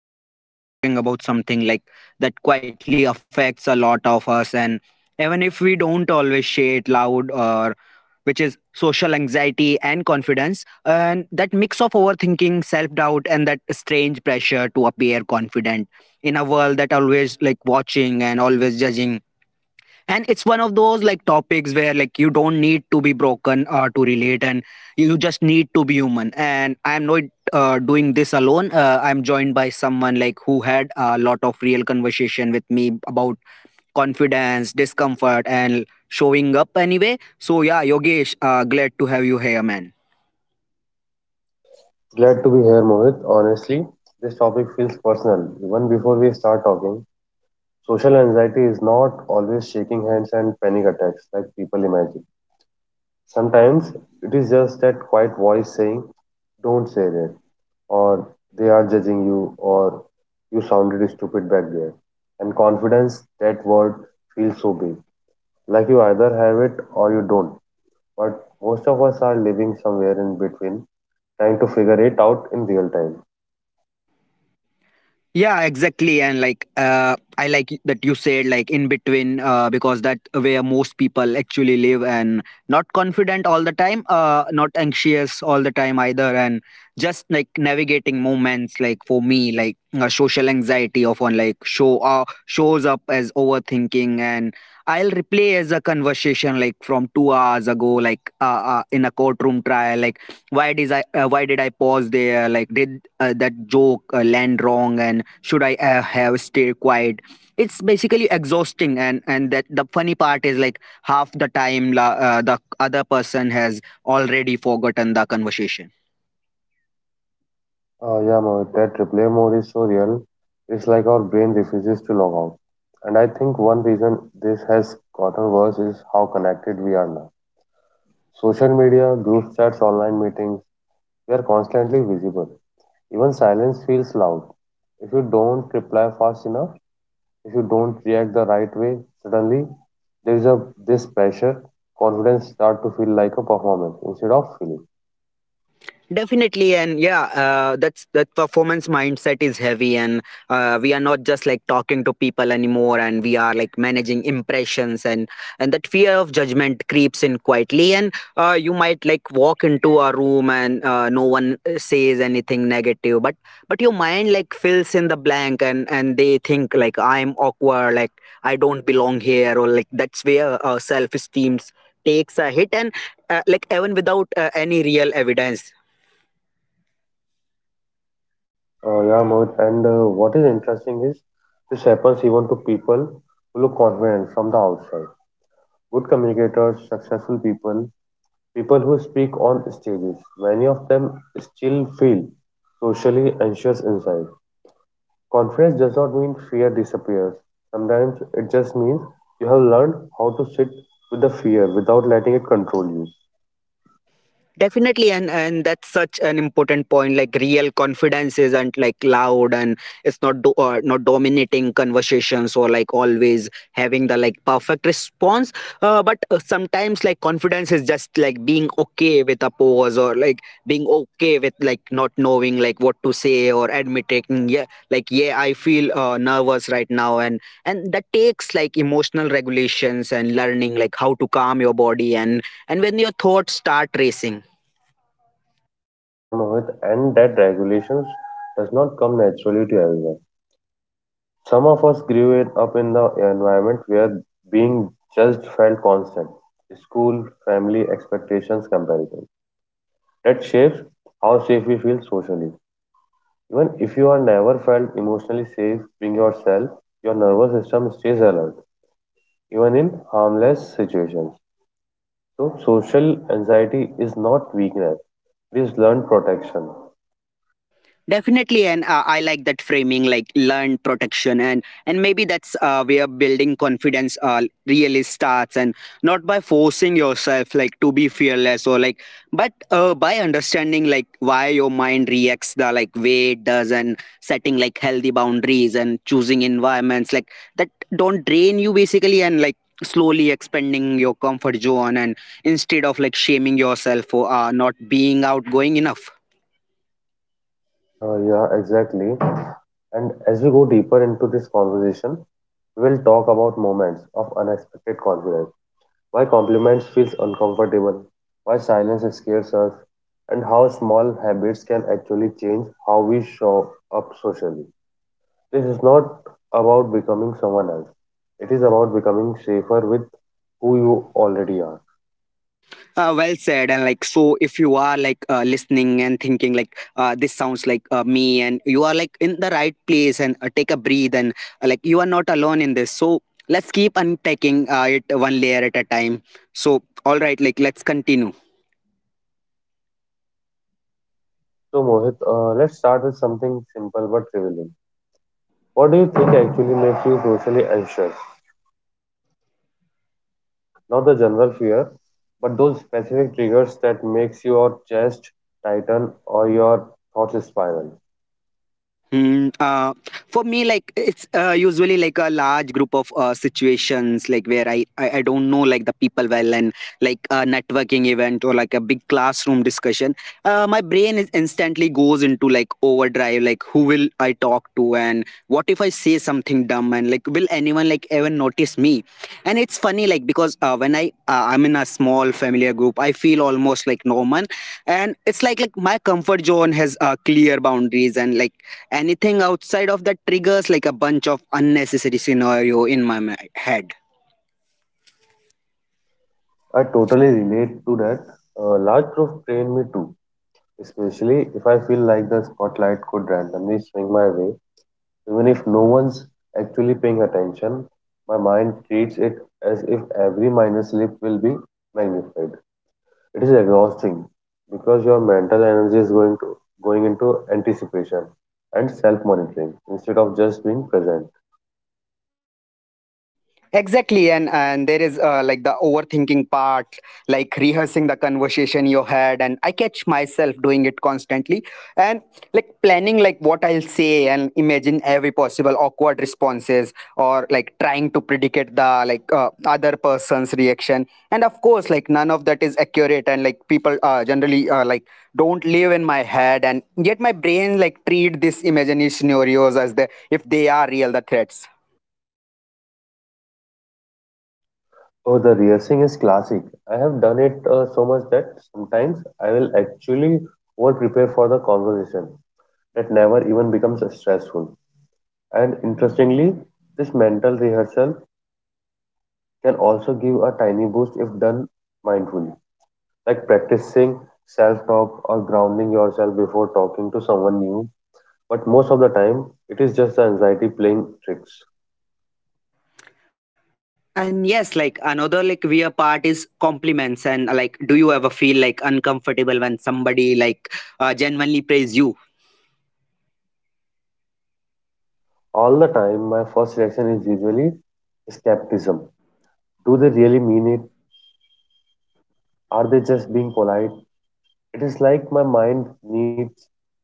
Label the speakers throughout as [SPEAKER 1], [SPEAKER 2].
[SPEAKER 1] and today we are talking about something like that quietly affects a lot of us, and even if we don't always share it loud, or which is social anxiety and confidence, and that mix of overthinking, self doubt, and that strange pressure to appear confident in a world that always like watching and always judging. And it's one of those like topics where like you don't need to be broken to relate, and you just need to be human. And I'm not doing this alone. Uh, I'm joined by someone like who had a lot of real conversation with me about confidence discomfort and showing up anyway. So yeah, Yogesh, glad to have you here, man.
[SPEAKER 2] Glad to be here, Mohit. Honestly, this topic feels personal. Even before we start talking, social anxiety is not always shaking hands and panic attacks like people imagine. Sometimes it is just that quiet voice saying, don't say that, or they are judging you, or you sounded stupid back there. And confidence, that word feels so big. Like you either have it or you don't. But most of us are living somewhere in between, trying to figure it out in real time.
[SPEAKER 1] Yeah, exactly. And like I like that you said like in between because that where most people actually live, and not confident all the time, not anxious all the time either, and just like navigating moments. Like for me, like social anxiety often like shows up as overthinking, and I'll replay as a conversation like from 2 hours ago, like in a courtroom trial. Like why did I pause there? Like did that joke land wrong? And should I have stayed quiet? It's basically exhausting. And that the funny part is like half the time the other person has already forgotten the conversation.
[SPEAKER 2] Yeah, Mohit, that replay mode is so real. It's like our brain refuses to log out. And I think one reason this has gotten worse is how connected we are now. Social media, group chats, online meetings, we are constantly visible. Even silence feels loud. If you don't reply fast enough, if you don't react the right way, suddenly there is a this pressure, confidence start to feel like a performance instead of feeling.
[SPEAKER 1] Definitely. And yeah, that performance mindset is heavy, and we are not just like talking to people anymore, and we are like managing impressions. And that fear of judgment creeps in quietly, and you might like walk into a room, and no one says anything negative, but your mind like fills in the blank, and they think like I'm awkward, like I don't belong here, or like that's where self esteem takes a hit, and like even without any real evidence.
[SPEAKER 2] Yeah, Mohit. And what is interesting is this happens even to people who look confident from the outside. Good communicators, successful people, people who speak on stages, many of them still feel socially anxious inside. Confidence does not mean fear disappears. Sometimes it just means you have learned how to sit with the fear without letting it control you.
[SPEAKER 1] Definitely. And that's such an important point. Like real confidence isn't like loud, and it's not dominating conversations, or like always having the like perfect response. But sometimes like confidence is just like being okay with a pause, or like being okay with like not knowing like what to say, or admitting yeah, like yeah, I feel nervous right now. And that takes like emotional regulations, and learning like how to calm your body and when your thoughts start racing.
[SPEAKER 2] Yeah, Mohit. And that regulations does not come naturally to everyone. Some of us grew it up in the environment where being judged felt constant school, family, expectations, comparison. That shapes how safe we feel socially. Even if you are never felt emotionally safe being yourself, your nervous system stays alert, even in harmless situations. So, social anxiety is not weakness, it is learned protection.
[SPEAKER 1] Definitely. And I like that framing, like learned protection. And maybe that's where building confidence really starts. And not by forcing yourself like to be fearless or like, but by understanding like why your mind reacts the like way it does, and setting like healthy boundaries, and choosing environments like that don't drain you basically, and like slowly expanding your comfort zone, and instead of like shaming yourself for not being outgoing enough.
[SPEAKER 2] Yeah, exactly. And as we go deeper into this conversation, we will talk about moments of unexpected confidence. Why compliments feels uncomfortable, why silence scares us, and how small habits can actually change how we show up socially. This is not about becoming someone else. It is about becoming safer with who you already are.
[SPEAKER 1] Well said. And like, so if you are like listening and thinking, like, this sounds like me, and you are like in the right place, and take a breathe, and like, you are not alone in this. So let's keep unpacking it one layer at a time. So, all right, like, let's continue.
[SPEAKER 2] So Mohit, let's start with something simple but revealing. What do you think actually makes you socially anxious? Not the general fear, but those specific triggers that makes your chest tighten or your thoughts spiral.
[SPEAKER 1] Hmm. For me, like it's usually like a large group of situations, like where I don't know like the people well, and like a networking event or like a big classroom discussion. My brain is instantly goes into like overdrive. Like who will I talk to, and what if I say something dumb, and like will anyone like even notice me? And it's funny like because when I'm in a small familiar group, I feel almost like normal, and it's like my comfort zone has clear boundaries, and like anything outside of that triggers like a bunch of unnecessary scenario in my head.
[SPEAKER 2] I totally relate to that. Large groups drain me too, especially if I feel like the spotlight could randomly swing my way. Even if no one's actually paying attention, my mind treats it as if every minor slip will be magnified. It is exhausting because your mental energy is going to going into anticipation and self-monitoring instead of just being present.
[SPEAKER 1] Exactly. And there is like the overthinking part, like rehearsing the conversation in your head, and I catch myself doing it constantly, and like planning like what I'll say and imagine every possible awkward responses, or like trying to predict the like other person's reaction. And of course like none of that is accurate, and like people generally like don't live in my head, and yet my brain like treat these imaginary scenarios as the if they are real the threats.
[SPEAKER 2] Oh, the rehearsing is classic. I have done it so much that sometimes I will actually over prepare for the conversation that never even becomes stressful. And interestingly, this mental rehearsal can also give a tiny boost if done mindfully, like practicing self talk or grounding yourself before talking to someone new. But most of the time, it is just the anxiety playing tricks.
[SPEAKER 1] And yes, like another like weird part is compliments. And like, do you ever feel like uncomfortable when somebody like genuinely praise you?
[SPEAKER 2] All the time, my first reaction is usually skepticism. Do they really mean it? Are they just being polite? It is like my mind needs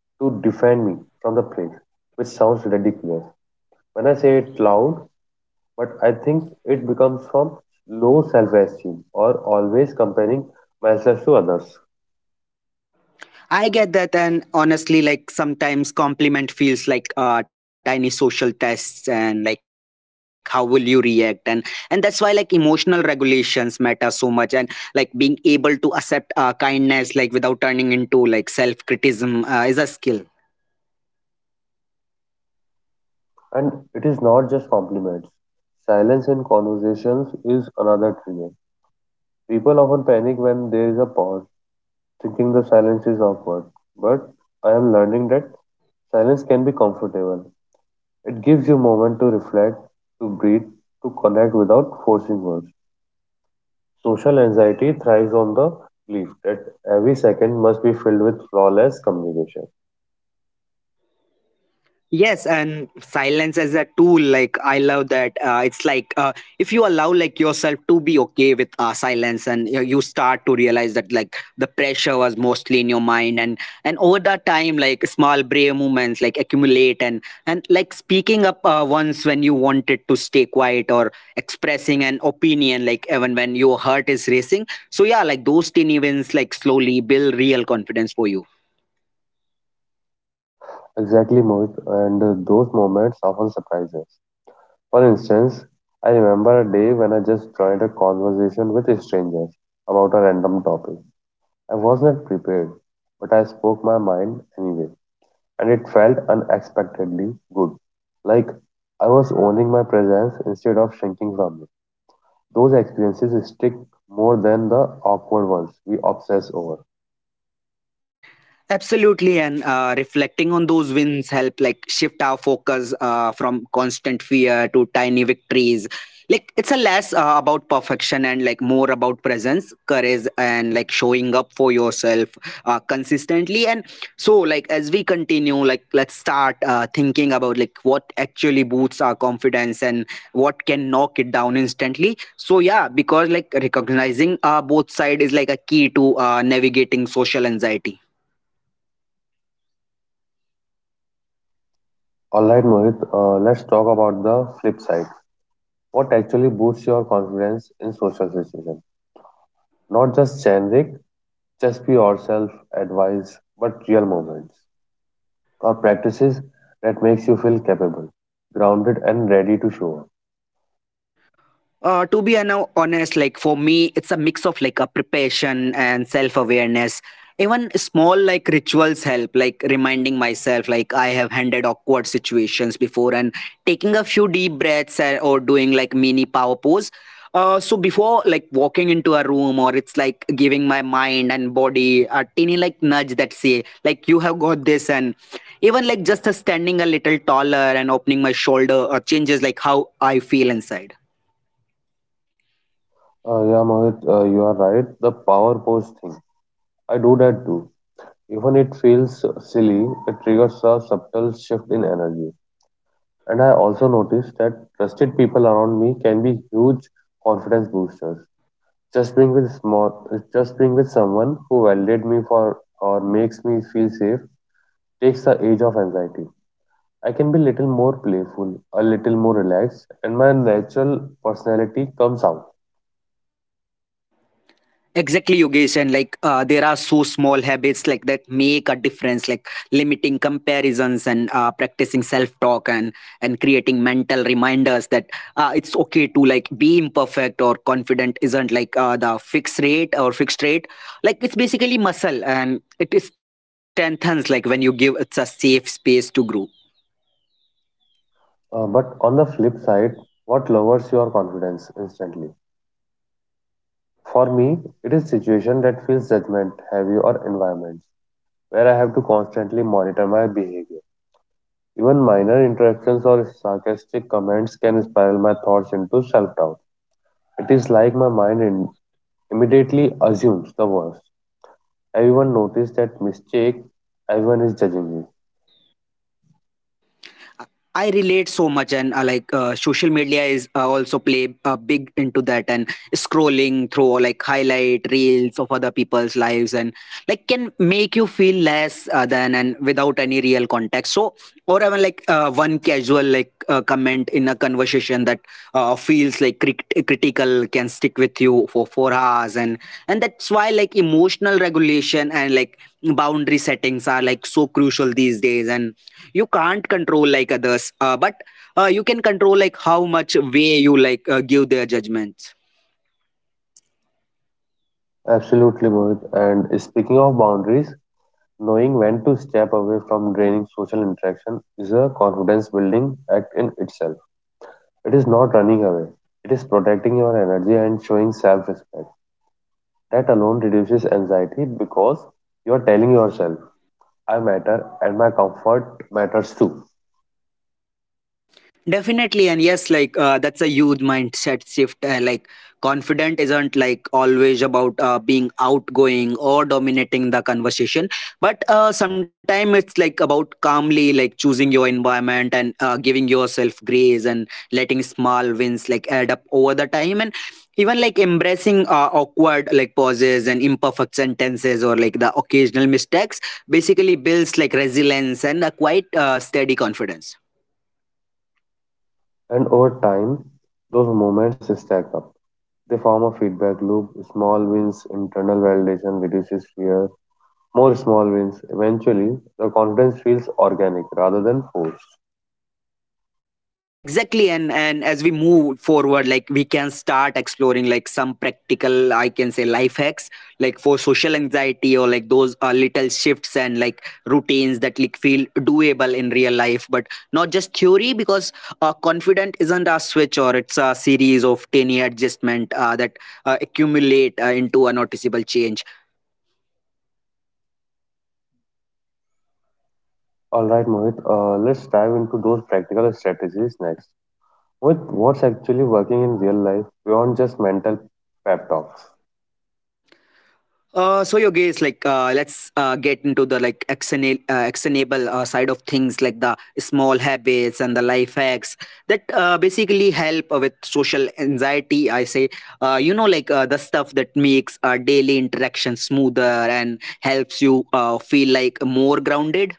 [SPEAKER 2] to defend me from the praise, which sounds ridiculous when I say it loud, but I think it becomes from low self esteem or always comparing myself to others.
[SPEAKER 1] I get that. And honestly, like sometimes compliment feels like tiny social tests, and like how will you react, and that's why like emotional regulations matter so much, and like being able to accept kindness like without turning into like self criticism is a skill.
[SPEAKER 2] And it is not just compliments. Silence in conversations is another trigger. People often panic when there is a pause, thinking the silence is awkward. But I am learning that silence can be comfortable. It gives you moment to reflect, to breathe, to connect without forcing words. Social anxiety thrives on the belief that every second must be filled with flawless communication.
[SPEAKER 1] Yes, and silence as a tool, like I love that. It's like if you allow like yourself to be okay with silence, and you start to realize that like the pressure was mostly in your mind, and over that time, like small brave moments like accumulate, and like speaking up once when you wanted to stay quiet, or expressing an opinion, like even when your heart is racing. So yeah, like those tiny wins like slowly build real confidence for you.
[SPEAKER 2] Exactly, Mohit, and those moments often surprise us. For instance, I remember a day when I just joined a conversation with strangers about a random topic. I was not prepared, but I spoke my mind anyway, and it felt unexpectedly good. Like I was owning my presence instead of shrinking from it. Those experiences stick more than the awkward ones we obsess over.
[SPEAKER 1] Absolutely. And reflecting on those wins help like shift our focus from constant fear to tiny victories. Like it's a less about perfection, and like more about presence, courage, and like showing up for yourself consistently. And so, like as we continue, like let's start thinking about like what actually boosts our confidence, and what can knock it down instantly. So yeah, because like recognizing both side is like a key to navigating social anxiety.
[SPEAKER 2] Alright, Mohit, let's talk about the flip side. What actually boosts your confidence in social situations? Not just generic, just be yourself, advice, but real moments or practices that makes you feel capable, grounded, and ready to show up.
[SPEAKER 1] To be honest, like for me, it's a mix of like a preparation and self awareness. Even small like rituals help, like reminding myself like I have handled awkward situations before, and taking a few deep breaths, or doing like mini power pose. So before like walking into a room, or it's like giving my mind and body a tiny like nudge that say like you have got this. And even like just a standing a little taller, and opening my shoulder changes like how I feel inside.
[SPEAKER 2] Yeah, Mohit, you are right. The power pose thing. I do that too. Even it feels silly, it triggers a subtle shift in energy. And I also noticed that trusted people around me can be huge confidence boosters. Just being with small, just being with someone who validates me for or makes me feel safe takes the edge of anxiety. I can be a little more playful, a little more relaxed, and my natural personality comes out.
[SPEAKER 1] Exactly, Yogesh. And like there are so small habits like that make a difference, like limiting comparisons, and practicing self-talk, and creating mental reminders that it's okay to like be imperfect, or confident isn't like the fixed rate or fixed rate. Like it's basically muscle, and it strengthens like when you give it's a safe space to grow.
[SPEAKER 2] But on the flip side, what lowers your confidence instantly? For me, it is situation that feels judgment heavy or environments where I have to constantly monitor my behavior. Even minor interactions or sarcastic comments can spiral my thoughts into self-doubt. It is like my mind immediately assumes the worst. Everyone noticed that mistake, everyone is judging me.
[SPEAKER 1] I relate so much. And like social media is also play big into that, and scrolling through like highlight reels of other people's lives, and like can make you feel less than, and without any real context. So, or even like one casual like comment in a conversation that feels like critical can stick with you for 4 hours, and that's why like emotional regulation, and like boundary settings are like so crucial these days, and you can't control like others, but you can control like how much way you like give their judgments.
[SPEAKER 2] Absolutely, Mohit. And speaking of boundaries, knowing when to step away from draining social interaction is a confidence building act in itself. It is not running away. It is protecting your energy and showing self respect. That alone reduces anxiety because you are telling yourself, I matter and my comfort matters too.
[SPEAKER 1] Definitely. And yes, like that's a huge mindset shift. Like, confident isn't like always about being outgoing or dominating the conversation, but sometimes it's like about calmly like choosing your environment, and giving yourself grace, and letting small wins like add up over the time, and even like embracing awkward like pauses and imperfect sentences, or like the occasional mistakes basically builds like resilience and a quite steady confidence.
[SPEAKER 2] And over time, those moments stack up. They form a feedback loop. Small wins, internal validation reduces fear. More small wins. Eventually, the confidence feels organic rather than forced.
[SPEAKER 1] Exactly. And as we move forward, like we can start exploring like some practical, I can say, life hacks like for social anxiety, or like those little shifts and like routines that like feel doable in real life, but not just theory. Because confident isn't a switch, or it's a series of tiny adjustment that accumulate into a noticeable change.
[SPEAKER 2] All right, Mohit, let's dive into those practical strategies next. What's actually working in real life beyond just mental pep talks?
[SPEAKER 1] So your guess, like, let's get into the like actionable side of things, like the small habits and the life hacks that basically help with social anxiety. I say, like the stuff that makes daily interaction smoother, and helps you feel like more grounded.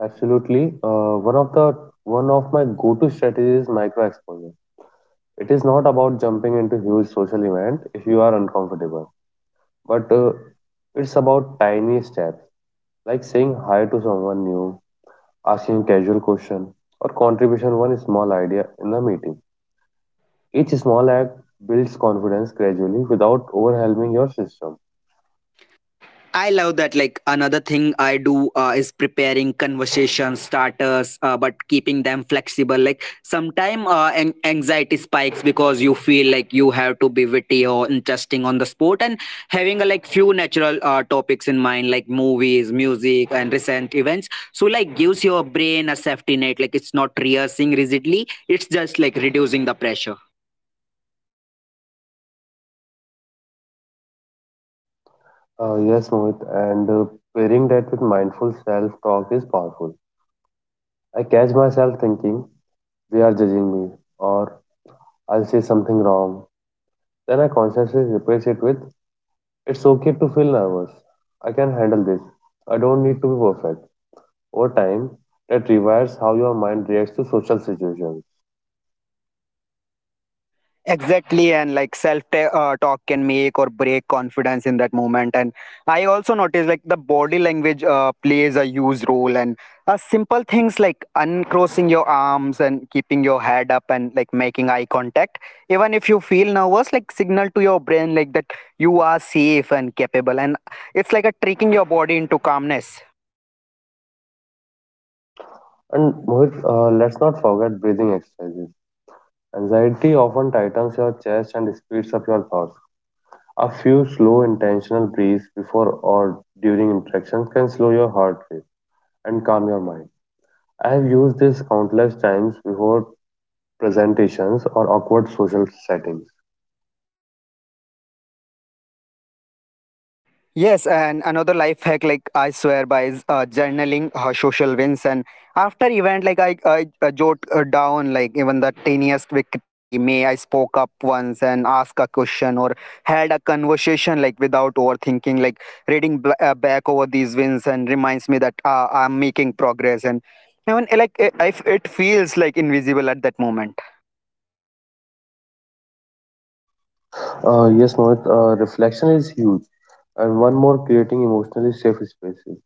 [SPEAKER 2] Absolutely. One of my go-to strategies is micro exposure. It is not about jumping into huge social event if you are uncomfortable, but it's about tiny steps like saying hi to someone new, asking a casual question, or contribution one small idea in a meeting. Each small act builds confidence gradually without overwhelming your system.
[SPEAKER 1] I love that. Like another thing I do is preparing conversation starters, but keeping them flexible. Like sometimes anxiety spikes because you feel like you have to be witty or interesting on the spot, and having a like few natural topics in mind, like movies, music, and recent events. So like gives your brain a safety net. Like it's not rehearsing rigidly. It's just like reducing the pressure.
[SPEAKER 2] Yes, Mohit, and pairing that with mindful self-talk is powerful. I catch myself thinking, they are judging me, or I'll say something wrong. Then I consciously replace it with, it's okay to feel nervous. I can handle this. I don't need to be perfect. Over time, that rewires how your mind reacts to social situations.
[SPEAKER 1] Exactly, and like self ta talk can make or break confidence in that moment. And I also noticed like the body language plays a huge role. And simple things like uncrossing your arms and keeping your head up and like making eye contact, even if you feel nervous, like signal to your brain like that you are safe and capable. And it's like a tricking your body into calmness.
[SPEAKER 2] And Mohit, let's not forget breathing exercises. Anxiety often tightens your chest and speeds up your thoughts. A few slow, intentional breaths before or during interactions can slow your heart rate and calm your mind. I have used this countless times before presentations or awkward social settings.
[SPEAKER 1] Yes, and another life hack, like I swear by, is journaling social wins. And after event, like I jot down, like even the tiniest victory. May I spoke up once and ask a question or had a conversation, like without overthinking. Like reading back over these wins and reminds me that I'm making progress. And even like if it feels like invisible at that moment.
[SPEAKER 2] Yes, Mohit, reflection is huge. And one more, creating emotionally safe spaces.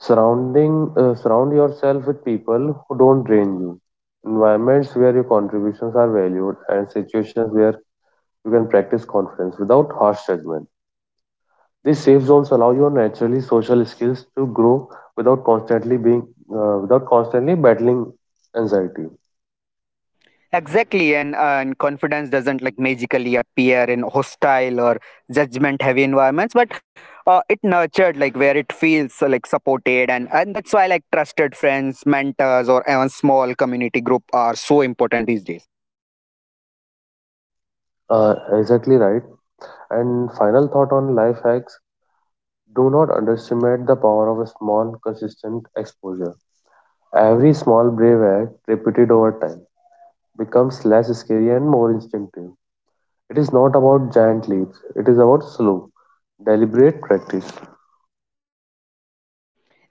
[SPEAKER 2] Surround yourself with people who don't drain you. Environments where your contributions are valued and situations where you can practice confidence without harsh judgment. These safe zones allow your naturally social skills to grow without constantly being without constantly battling anxiety.
[SPEAKER 1] Exactly, and and confidence doesn't like magically appear in hostile or judgment-heavy environments, but it nurtured like where it feels like supported, and that's why like trusted friends, mentors, or even small community group are so important these days.
[SPEAKER 2] Exactly right. And final thought on life hacks: do not underestimate the power of a small, consistent exposure. Every small brave act repeated over time becomes less scary and more instinctive. It is not about giant leaps; it is about slow, deliberate practice.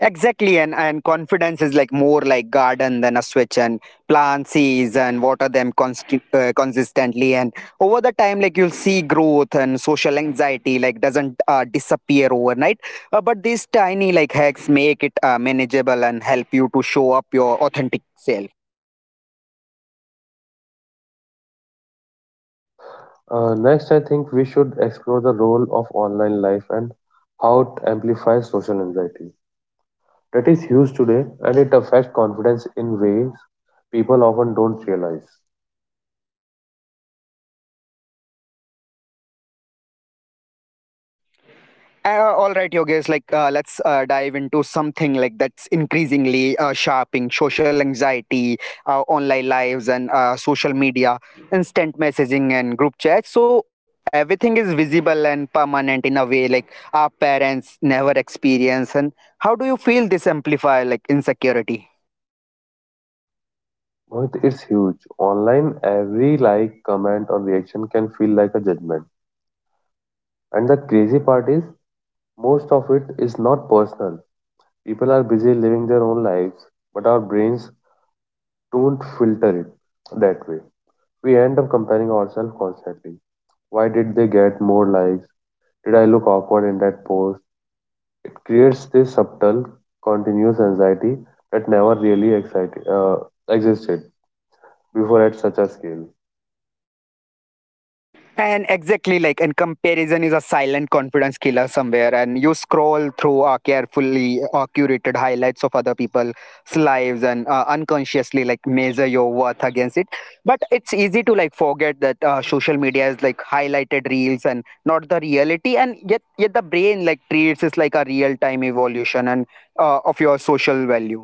[SPEAKER 1] Exactly, and confidence is like more like garden than a switch, and plant seeds and water them consistently, and over the time, like you'll see growth and social anxiety like doesn't disappear overnight, but these tiny like hacks make it manageable and help you to show up your authentic self.
[SPEAKER 2] Next, I think we should explore the role of online life and how it amplifies social anxiety. That is huge today, and it affects confidence in ways people often don't realize.
[SPEAKER 1] All right, Yogesh, like let's dive into something like that's increasingly sharping social anxiety, online lives and social media, instant messaging and group chats. So everything is visible and permanent in a way like our parents never experience. And how do you feel this amplify like insecurity?
[SPEAKER 2] Mohit, it's huge. Online, every like, comment, or reaction can feel like a judgment. And the crazy part is, most of it is not personal. People are busy living their own lives, but our brains don't filter it that way. We end up comparing ourselves constantly. Why did they get more likes? Did I look awkward in that pose? It creates this subtle, continuous anxiety that never really existed before at such a scale.
[SPEAKER 1] And exactly like, and comparison is a silent confidence killer somewhere. And you scroll through carefully curated highlights of other people's lives and unconsciously like measure your worth against it. But it's easy to like forget that social media is like highlighted reels and not the reality. And yet the brain like treats it like a real time evolution and of your social value.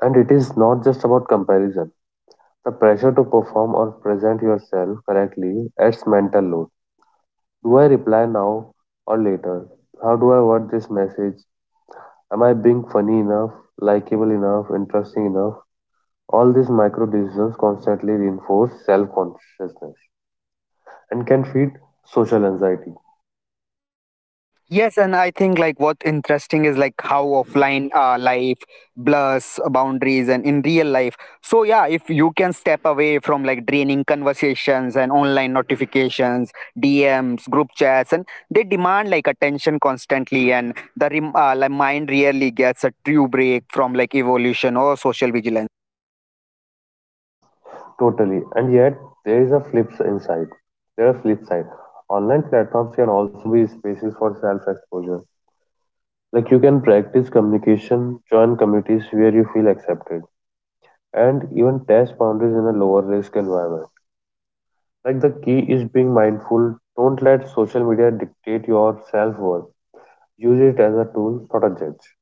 [SPEAKER 2] And it is not just about comparison. The pressure to perform or present yourself correctly adds mental load. Do I reply now or later? How do I word this message? Am I being funny enough, likable enough, interesting enough? All these micro decisions constantly reinforce self consciousness and can feed social anxiety.
[SPEAKER 1] Yes, and I think like what's interesting is like how offline life blurs boundaries and in real life. So yeah, if you can step away from like draining conversations and online notifications, DMs, group chats, and they demand like attention constantly, and the mind rarely gets a true break from like evolution or social vigilance.
[SPEAKER 2] Totally. And yet, there is a flip s- inside. There are flip side. Online platforms can also be spaces for self-exposure. Like you can practice communication, join communities where you feel accepted, and even test boundaries in a lower risk environment. Like the key is being mindful. Don't let social media dictate your self-worth. Use it as a tool, not a judge.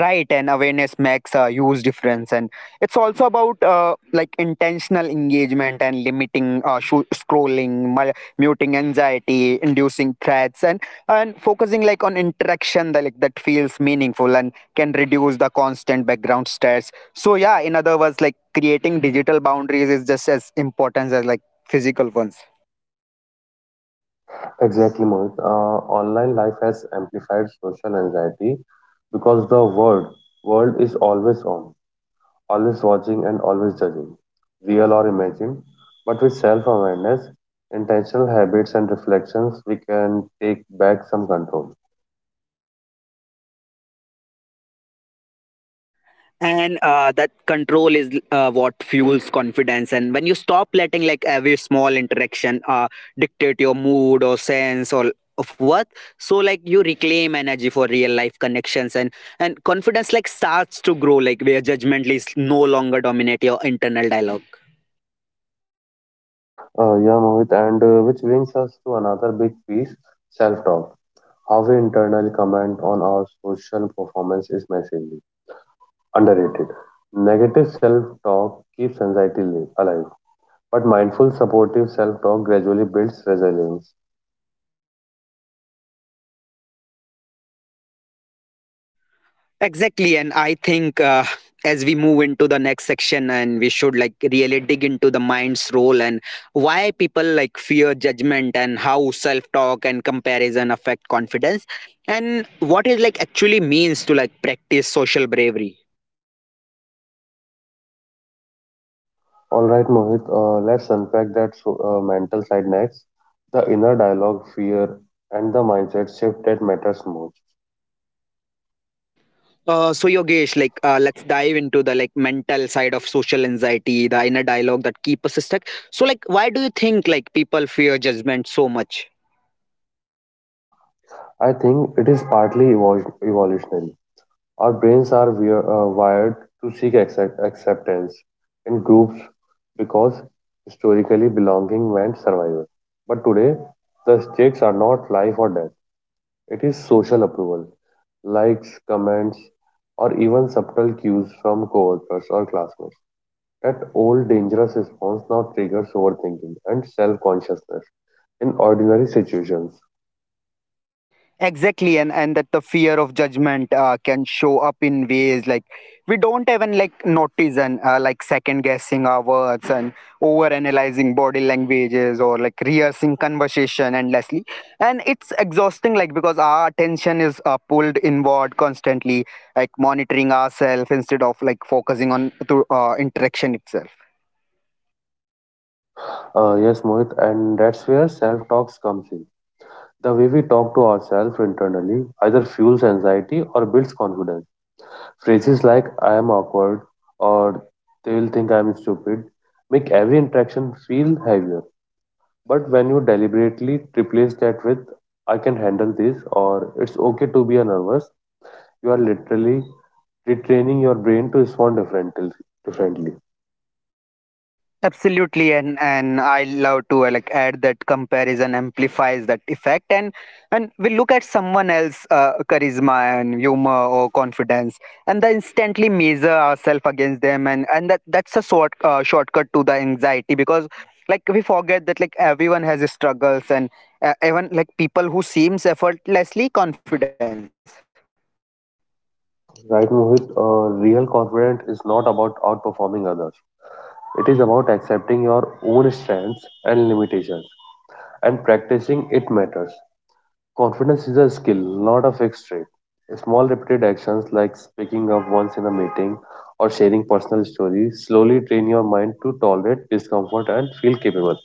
[SPEAKER 1] Right, and awareness makes a huge difference. And it's also about like intentional engagement and limiting scrolling, muting anxiety inducing threats, and focusing like on interaction that like that feels meaningful and can reduce the constant background stress. So yeah, in other words, like creating digital boundaries is just as important as like physical ones.
[SPEAKER 2] Exactly, Mohit. Online life has amplified social anxiety because the world world is always on, always watching and always judging, real or imagined, but with self awareness, intentional habits, and reflections, we can take back some control.
[SPEAKER 1] And that control is what fuels confidence. And when you stop letting like every small interaction dictate your mood or sense or of worth, so like you reclaim energy for real life connections. And confidence like starts to grow like where judgment is no longer dominate your internal dialogue.
[SPEAKER 2] Yeah, Mohit, and which brings us to another big piece, self talk. How we internally comment on our social performance is massively underrated. Negative self talk keeps anxiety alive, but mindful, supportive self talk gradually builds resilience.
[SPEAKER 1] Exactly, and I think as we move into the next section, and we should like really dig into the mind's role and why people like fear judgment and how self-talk and comparison affect confidence, and what it like actually means to like practice social bravery.
[SPEAKER 2] All right, Mohit, let's unpack that, mental side next. The inner dialogue, fear, and the mindset shift that matters most.
[SPEAKER 1] So Yogesh, like let's dive into the like mental side of social anxiety, the inner dialogue that keep us stuck. So like, why do you think like people fear judgment so much?
[SPEAKER 2] I think it is partly evolutionary. Our brains are we wired to seek acceptance in groups because historically belonging meant survival. But today, the stakes are not life or death, it is social approval, likes, comments, or even subtle cues from coworkers or classmates. That old dangerous response now triggers overthinking and self consciousness in ordinary situations.
[SPEAKER 1] Exactly, and that the fear of judgment can show up in ways like we don't even like notice. And like second guessing our words and over analyzing body languages or like rehearsing conversation endlessly, and it's exhausting, like because our attention is pulled inward constantly, like monitoring ourselves instead of like focusing on to interaction itself.
[SPEAKER 2] Yes, Mohit, and that's where self talks comes in. The way we talk to ourselves internally either fuels anxiety or builds confidence. Phrases like I am awkward or they will think I am stupid make every interaction feel heavier. But when you deliberately replace that with I can handle this or it's okay to be a nervous, you are literally retraining your brain to respond differently. Differently,
[SPEAKER 1] Absolutely, and I love to like add that comparison amplifies that effect, and we look at someone else charisma and humor or confidence, and then instantly measure ourselves against them, and that's a shortcut to the anxiety, because like we forget that like everyone has struggles, and even like people who seems effortlessly confident.
[SPEAKER 2] right, Mohit? Real confidence is not about outperforming others. It is about accepting your own strengths and limitations, and practicing it matters. Confidence is a skill, not a fixed trait. Small repeated actions like speaking up once in a meeting or sharing personal stories slowly train your mind to tolerate discomfort and feel capable.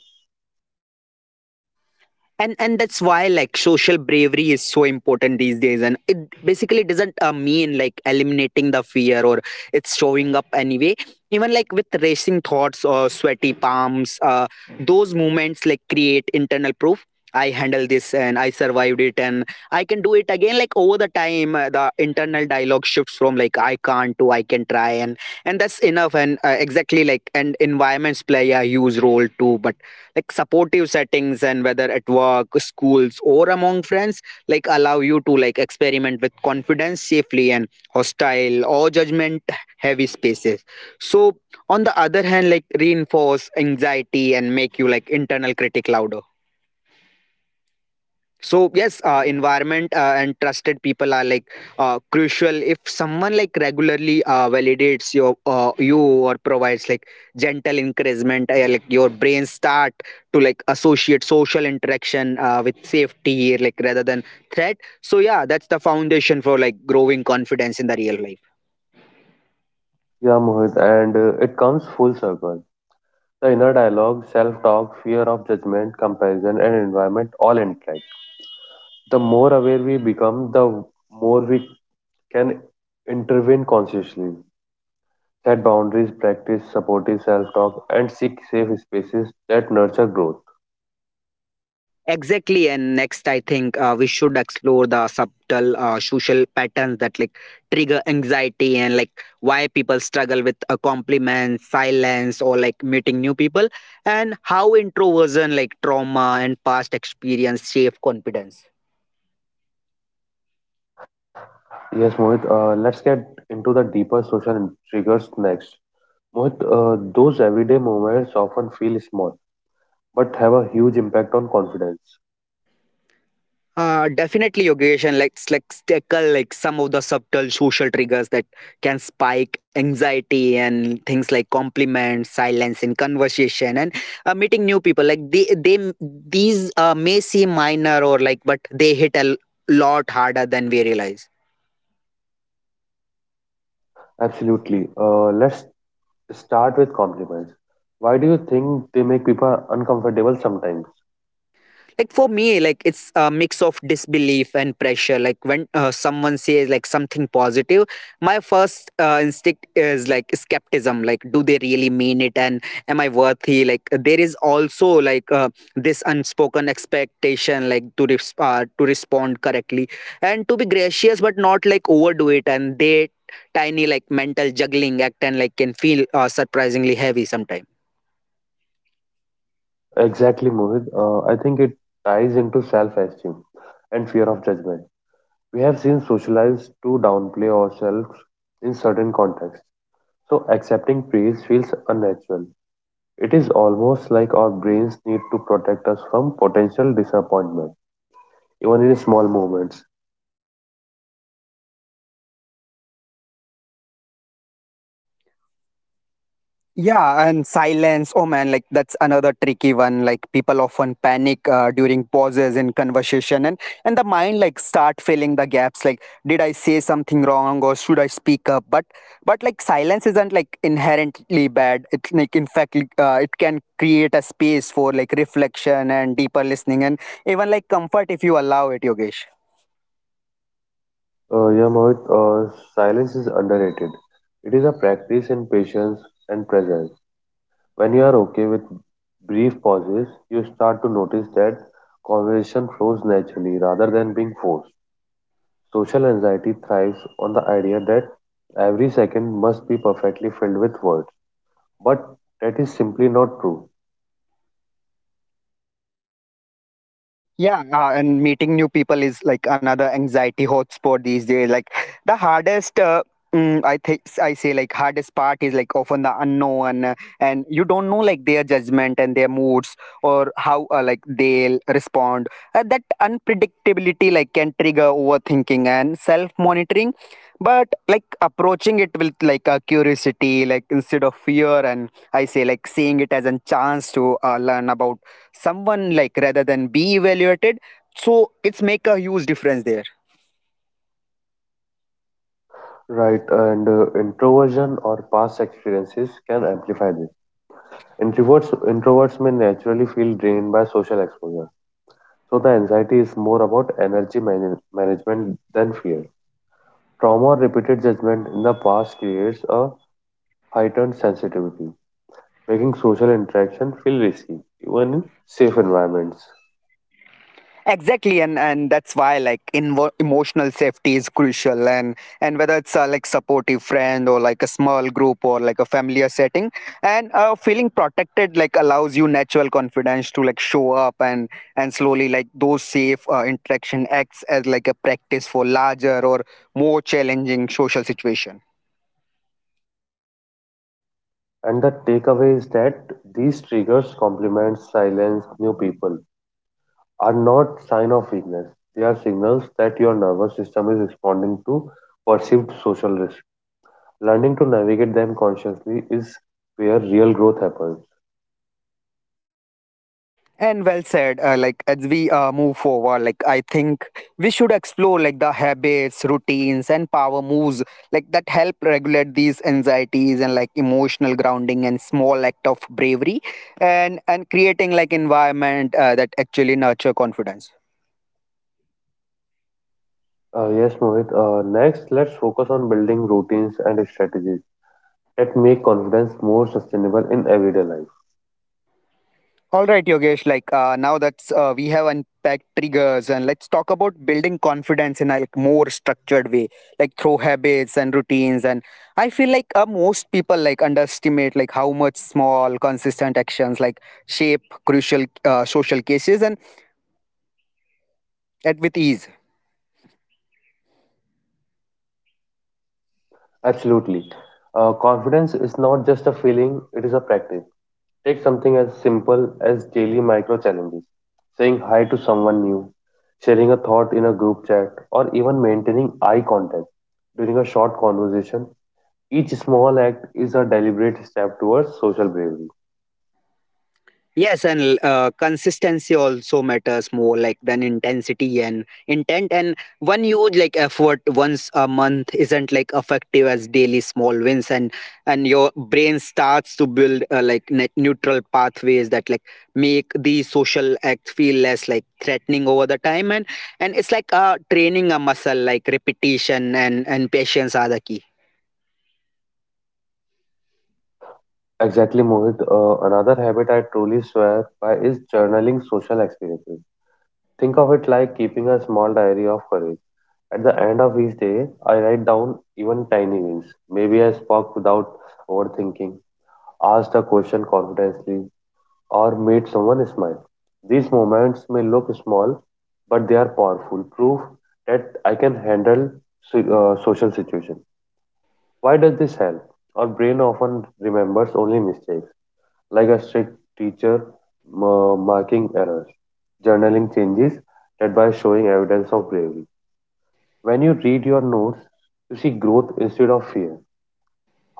[SPEAKER 1] And that's why like social bravery is so important these days, and it basically doesn't mean like eliminating the fear, or it's showing up anyway, even like with racing thoughts or sweaty palms. Those moments like create internal proof. I handle this and I survived it, and I can do it again. Like over the time, the internal dialogue shifts from like I can't to I can try, and that's enough. And exactly like, and environments play a huge role too, but like supportive settings, and whether at work schools or among friends, like allow you to like experiment with confidence safely. And hostile or judgment heavy spaces so on the other hand like reinforce anxiety and make you like internal critic louder. So yes, environment and trusted people are like crucial. If someone like regularly validates your you or provides like gentle encouragement, like your brain start to like associate social interaction with safety, like rather than threat. So yeah, that's the foundation for like growing confidence in the real life.
[SPEAKER 2] Yeah, Mohit, and it comes full circle. The inner dialogue, self talk, fear of judgment, comparison, and environment all interact. The more aware we become, the more we can intervene consciously, set boundaries, practice supportive self talk, and seek safe spaces that nurture growth.
[SPEAKER 1] Exactly, and next I think we should explore the subtle social patterns that like trigger anxiety and like why people struggle with a compliment, silence, or like meeting new people, and how introversion, like trauma and past experience, shape confidence.
[SPEAKER 2] Yes, Mohit, let's get into the deeper social triggers next. Mohit, those everyday moments often feel small but have a huge impact on confidence.
[SPEAKER 1] Definitely, Yogesh, and let's tackle like some of the subtle social triggers that can spike anxiety and things like compliments, silence in conversation, and meeting new people. Like they these may seem minor or like, but they hit a lot harder than we realize.
[SPEAKER 2] Absolutely. Let's start with compliments. Why do you think they make people uncomfortable sometimes?
[SPEAKER 1] Like for me, like it's a mix of disbelief and pressure. Like when someone says like something positive, my first instinct is like skepticism. Like do they really mean it, and am I worthy? Like there is also like this unspoken expectation like to to respond correctly and to be gracious but not like overdo it. And they tiny like mental juggling act and like can feel surprisingly heavy sometimes.
[SPEAKER 2] Exactly, Mohit. I think it ties into self esteem and fear of judgment. We have seen socialized to downplay ourselves in certain contexts, so accepting praise feels unnatural. It is almost like our brains need to protect us from potential disappointment, even in small moments.
[SPEAKER 1] Yeah, and silence. Oh man, like that's another tricky one. Like people often panic during pauses in conversation, and the mind like start filling the gaps. Like, did I say something wrong, or should I speak up? But like silence isn't like inherently bad. It like in fact like, it can create a space for like reflection and deeper listening, and even like comfort if you allow it, Yogesh.
[SPEAKER 2] Yeah, Mohit, silence is underrated. It is a practice in patience and presence. When you are okay with brief pauses, you start to notice that conversation flows naturally rather than being forced. Social anxiety thrives on the idea that every second must be perfectly filled with words, but that is simply not true.
[SPEAKER 1] Yeah, and meeting new people is like another anxiety hotspot these days. Like the hardest, I think I say like hardest part is like often the unknown, and you don't know like their judgment and their moods or how like they'll respond. That unpredictability like can trigger overthinking and self monitoring, but like approaching it with like a curiosity, like instead of fear, and I say like seeing it as a chance to learn about someone like rather than be evaluated. So it's make a huge difference there.
[SPEAKER 2] Right, and introversion or past experiences can amplify this. Introverts may naturally feel drained by social exposure, so the anxiety is more about energy management than fear. Trauma or repeated judgment in the past creates a heightened sensitivity, making social interaction feel risky, even in safe environments.
[SPEAKER 1] Exactly, and that's why like emotional safety is crucial. And whether it's a like supportive friend or like a small group or like a familiar setting, and feeling protected like allows you natural confidence to like show up. And slowly, like those safe interaction acts as like a practice for larger or more challenging social situation.
[SPEAKER 2] And the takeaway is that these triggers, compliments, silence, new people, are not sign of weakness. They are signals that your nervous system is responding to perceived social risk. Learning to navigate them consciously is where real growth happens.
[SPEAKER 1] And well said. Like as we move forward, like I think we should explore like the habits, routines, and power moves like that help regulate these anxieties and like emotional grounding and small act of bravery, and creating like environment that actually nurture confidence.
[SPEAKER 2] Yes, Mohit. Next, let's focus on building routines and strategies that make confidence more sustainable in everyday life.
[SPEAKER 1] All right, Yogesh. Like now that's we have unpacked triggers, and let's talk about building confidence in a like more structured way, like through habits and routines. And I feel like most people like underestimate like how much small, consistent actions like shape crucial social cases and at with ease.
[SPEAKER 2] Absolutely. Confidence is not just a feeling, it is a practice. Take something as simple as daily micro challenges, saying hi to someone new, sharing a thought in a group chat, or even maintaining eye contact during a short conversation. Each small act is a deliberate step towards social bravery.
[SPEAKER 1] Yes, and consistency also matters more like than intensity and intent. And one huge like effort once a month isn't like effective as daily small wins, and your brain starts to build like net neutral pathways that like make these social acts feel less like threatening over the time. And it's like training a muscle like repetition and patience are the key.
[SPEAKER 2] Exactly, Mohit. Another habit I truly swear by is journaling social experiences. Think of it like keeping a small diary of courage. At the end of each day, I write down even tiny wins. Maybe I spoke without overthinking, asked a question confidently, or made someone smile. These moments may look small, but they are powerful proof that I can handle social situation. Why does this help? Our brain often remembers only mistakes, like a strict teacher marking errors. Journaling changes that by showing evidence of bravery. When you read your notes, you see growth instead of fear.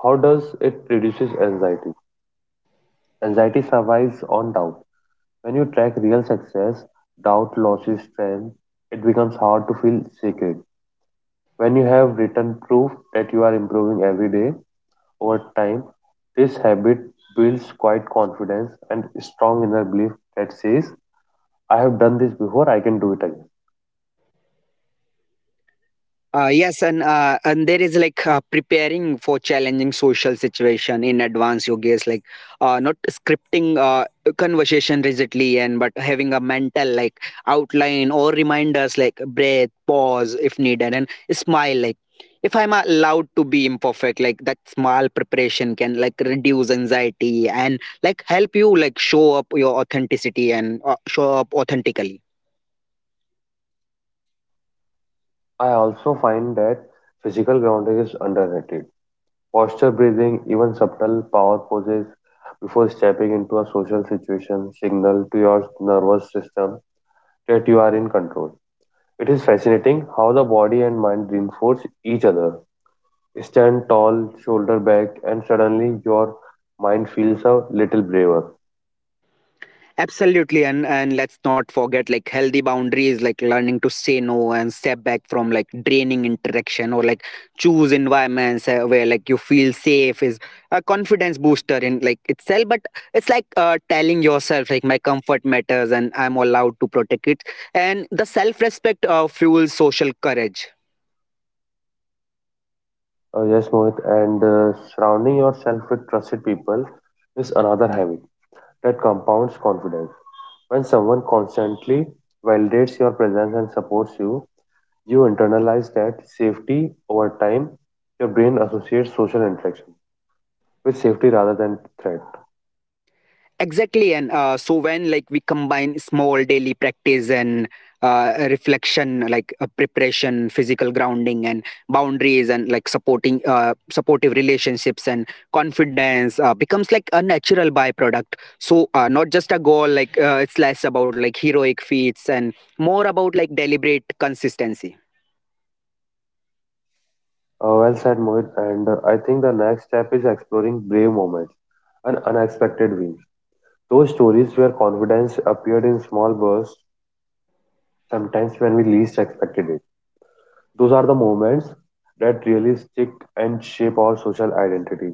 [SPEAKER 2] How does it reduces anxiety? Anxiety survives on doubt. When you track real success, doubt loses strength. It becomes hard to feel secret. When you have written proof that you are improving every day, over time, this habit builds quiet confidence and strong inner belief that says, I have done this before, I can do it again.
[SPEAKER 1] Yes, and there is like preparing for challenging social situation in advance. You guess like not scripting conversation rigidly, and but having a mental like outline or reminders like breath, pause if needed, and smile like if I'm allowed to be imperfect, like that small preparation can like reduce anxiety and like help you like show up your authenticity and show up authentically.
[SPEAKER 2] I also find that physical grounding is underrated. Posture breathing, even subtle power poses before stepping into a social situation, signal to your nervous system that you are in control. It is fascinating how the body and mind reinforce each other. Stand tall, shoulder back, and suddenly your mind feels a little braver.
[SPEAKER 1] Absolutely, and let's not forget like healthy boundaries, like learning to say no and step back from like draining interaction, or like choose environments where like you feel safe is a confidence booster in like itself. But it's like telling yourself like my comfort matters and I'm allowed to protect it, and the self respect fuels social courage.
[SPEAKER 2] Yes, Mohit, and surrounding yourself with trusted people is another habit that compounds confidence. When someone constantly validates your presence and supports you, you internalize that safety over time. Your brain associates social interaction with safety rather than threat.
[SPEAKER 1] Exactly, and so when like we combine small daily practice and reflection like preparation physical grounding and boundaries and like supporting supportive relationships and confidence becomes like a natural byproduct, so not just a goal, like it's less about like heroic feats and more about like deliberate consistency.
[SPEAKER 2] Well said, Mohit. And I think the next step is exploring brave moments and unexpected wins. Those stories where confidence appeared in small bursts, sometimes when we least expected it. Those are the moments that really stick and shape our social identity.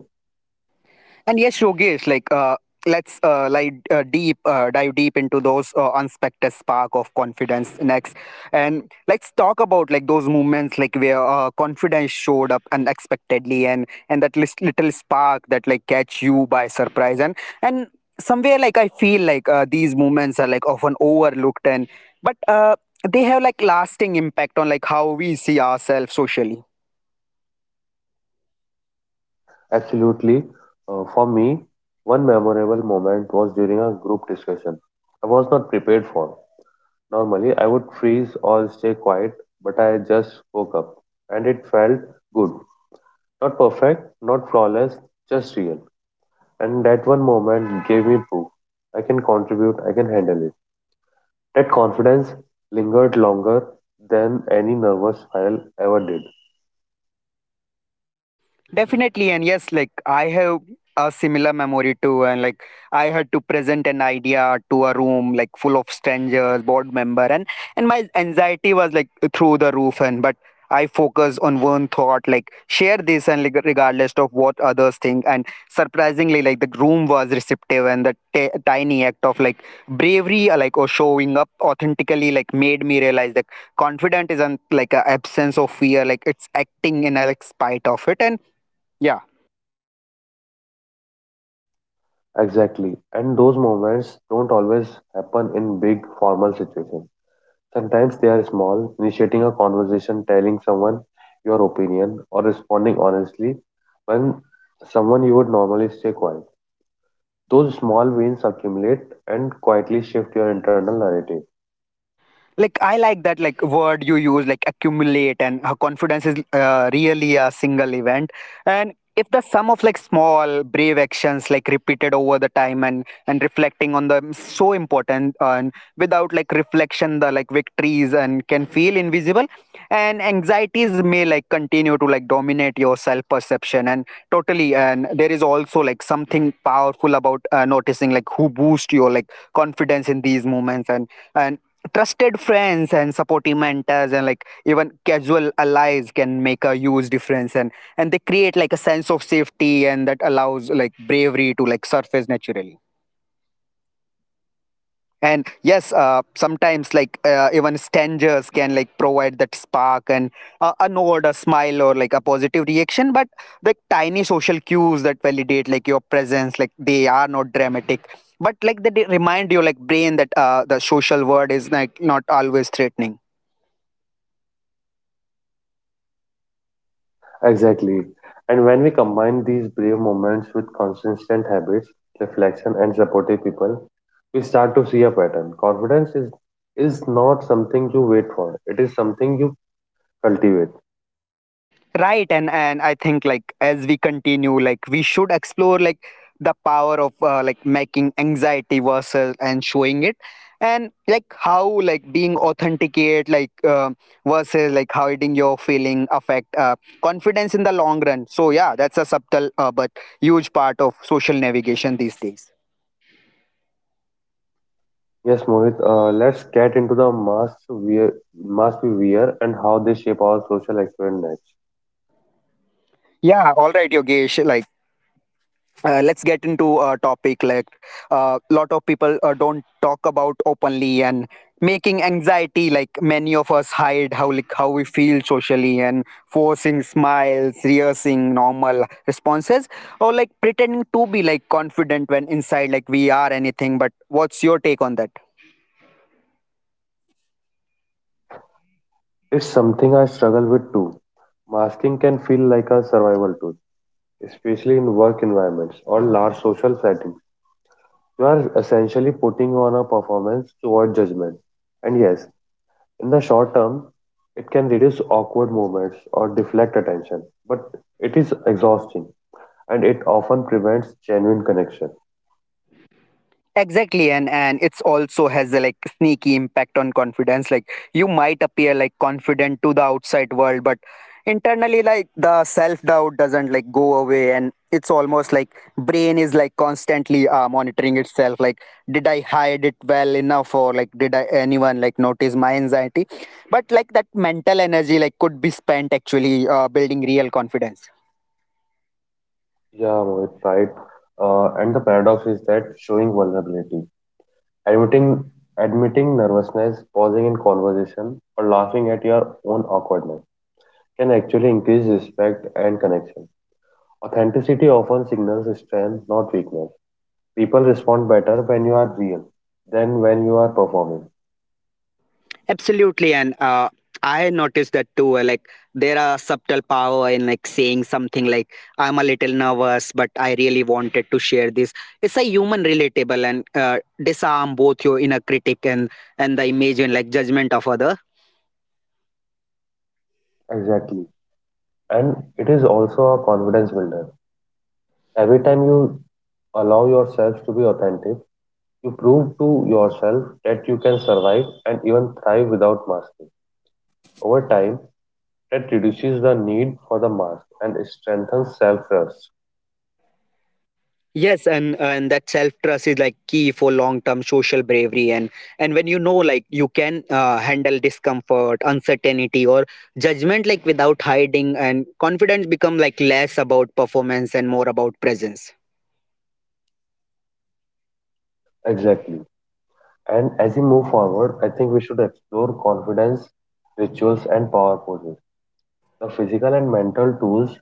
[SPEAKER 1] And yes, Yogesh, like let's deep dive deep into those unexpected spark of confidence next, and let's talk about like those moments like where confidence showed up unexpectedly, and that little spark that like catch you by surprise, and somewhere like I feel like these moments are like often overlooked, and but they have like lasting impact on like how we see ourselves socially.
[SPEAKER 2] Absolutely. For me, one memorable moment was during a group discussion I was not prepared for. Normally, I would freeze or stay quiet, but I just woke up and it felt good. Not perfect, not flawless, just real. And that one moment gave me proof. I can contribute, I can handle it. That confidence lingered longer than any nervous spiral ever did.
[SPEAKER 1] Definitely, and yes, like I have a similar memory too, and like I had to present an idea to a room like full of strangers, board member, and my anxiety was like through the roof, and but I focus on one thought, like share this, and like regardless of what others think, and surprisingly, like the room was receptive, and the tiny act of like bravery, like or showing up authentically, like made me realize that confident isn't like an absence of fear, like it's acting in a like spite of it, and yeah.
[SPEAKER 2] Exactly. And those moments don't always happen in big formal situations. Sometimes they are small, initiating a conversation, telling someone your opinion, or responding honestly when someone you would normally stay quiet. Those small wins accumulate and quietly shift your internal narrative.
[SPEAKER 1] Like I like that like word you use like accumulate, and her confidence is really a single event, and if the sum of like small brave actions like repeated over the time, and reflecting on them so important, and without like reflection the like victories and can feel invisible, and anxieties may like continue to like dominate your self perception, and totally, and there is also like something powerful about noticing like who boost your like confidence in these moments, and trusted friends and supporting mentors and like even casual allies can make a huge difference, and they create like a sense of safety, and that allows like bravery to like surface naturally. And yes, sometimes like even strangers can like provide that spark, and a nod, a smile, or like a positive reaction, but the tiny social cues that validate like your presence, like they are not dramatic, but like they remind you like brain that the social world is like not always threatening.
[SPEAKER 2] Exactly. And when we combine these brave moments with consistent habits, reflection, and supportive people, we start to see a pattern. Confidence is not something you wait for, it is something you cultivate.
[SPEAKER 1] Right, and I think like as we continue, like we should explore like the power of like making anxiety versus and showing it, and like how like being authenticate like versus like hiding your feeling affect confidence in the long run. So yeah, that's a subtle but huge part of social navigation these days.
[SPEAKER 2] Yes, Mohit, let's get into the masks we wear and how they shape our social experience.
[SPEAKER 1] Yeah, all right, Yogesh, like let's get into a topic like a lot of people don't talk about openly, and making anxiety like many of us hide how like how we feel socially, and forcing smiles, rehearsing normal responses, or like pretending to be like confident when inside like we are anything but. What's your take on that?
[SPEAKER 2] It's something I struggle with too. Masking can feel like a survival tool, especially in work environments or large social settings. You are essentially putting on a performance to avoid judgment. And yes, in the short term, it can reduce awkward moments or deflect attention, but it is exhausting and it often prevents genuine connection.
[SPEAKER 1] Exactly, and it's also has a like sneaky impact on confidence. Like you might appear like confident to the outside world, but internally like the self doubt doesn't like go away, and it's almost like brain is like constantly monitoring itself. Like did I hide it well enough, or like did I anyone like notice my anxiety? But like that mental energy like could be spent actually building real confidence.
[SPEAKER 2] Yeah, Mohit, right. And the paradox is that showing vulnerability, admitting admitting nervousness, pausing in conversation, or laughing at your own awkwardness can actually increase respect and connection. Authenticity often signals strength, not weakness. People respond better when you are real than when you are performing.
[SPEAKER 1] Absolutely, and I noticed that too. Like there are subtle power in like saying something like "I'm a little nervous, but I really wanted to share this." It's a human relatable and disarm both your inner critic and the image and like judgment of others.
[SPEAKER 2] Exactly. And it is also a confidence builder. Every time you allow yourself to be authentic, you prove to yourself that you can survive and even thrive without masking. Over time, that reduces the need for the mask and strengthens self trust.
[SPEAKER 1] Yes, and that self trust is like key for long term social bravery, and when you know like you can handle discomfort, uncertainty, or judgment like without hiding, and confidence become like less about performance and more about presence.
[SPEAKER 2] Exactly. And as we move forward, I think we should explore confidence, rituals, and power poses. The physical and mental tools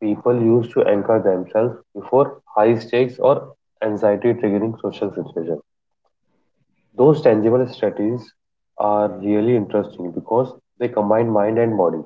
[SPEAKER 2] people use to anchor themselves before high stakes or anxiety triggering social situations. Those tangible strategies are really interesting because they combine mind and body.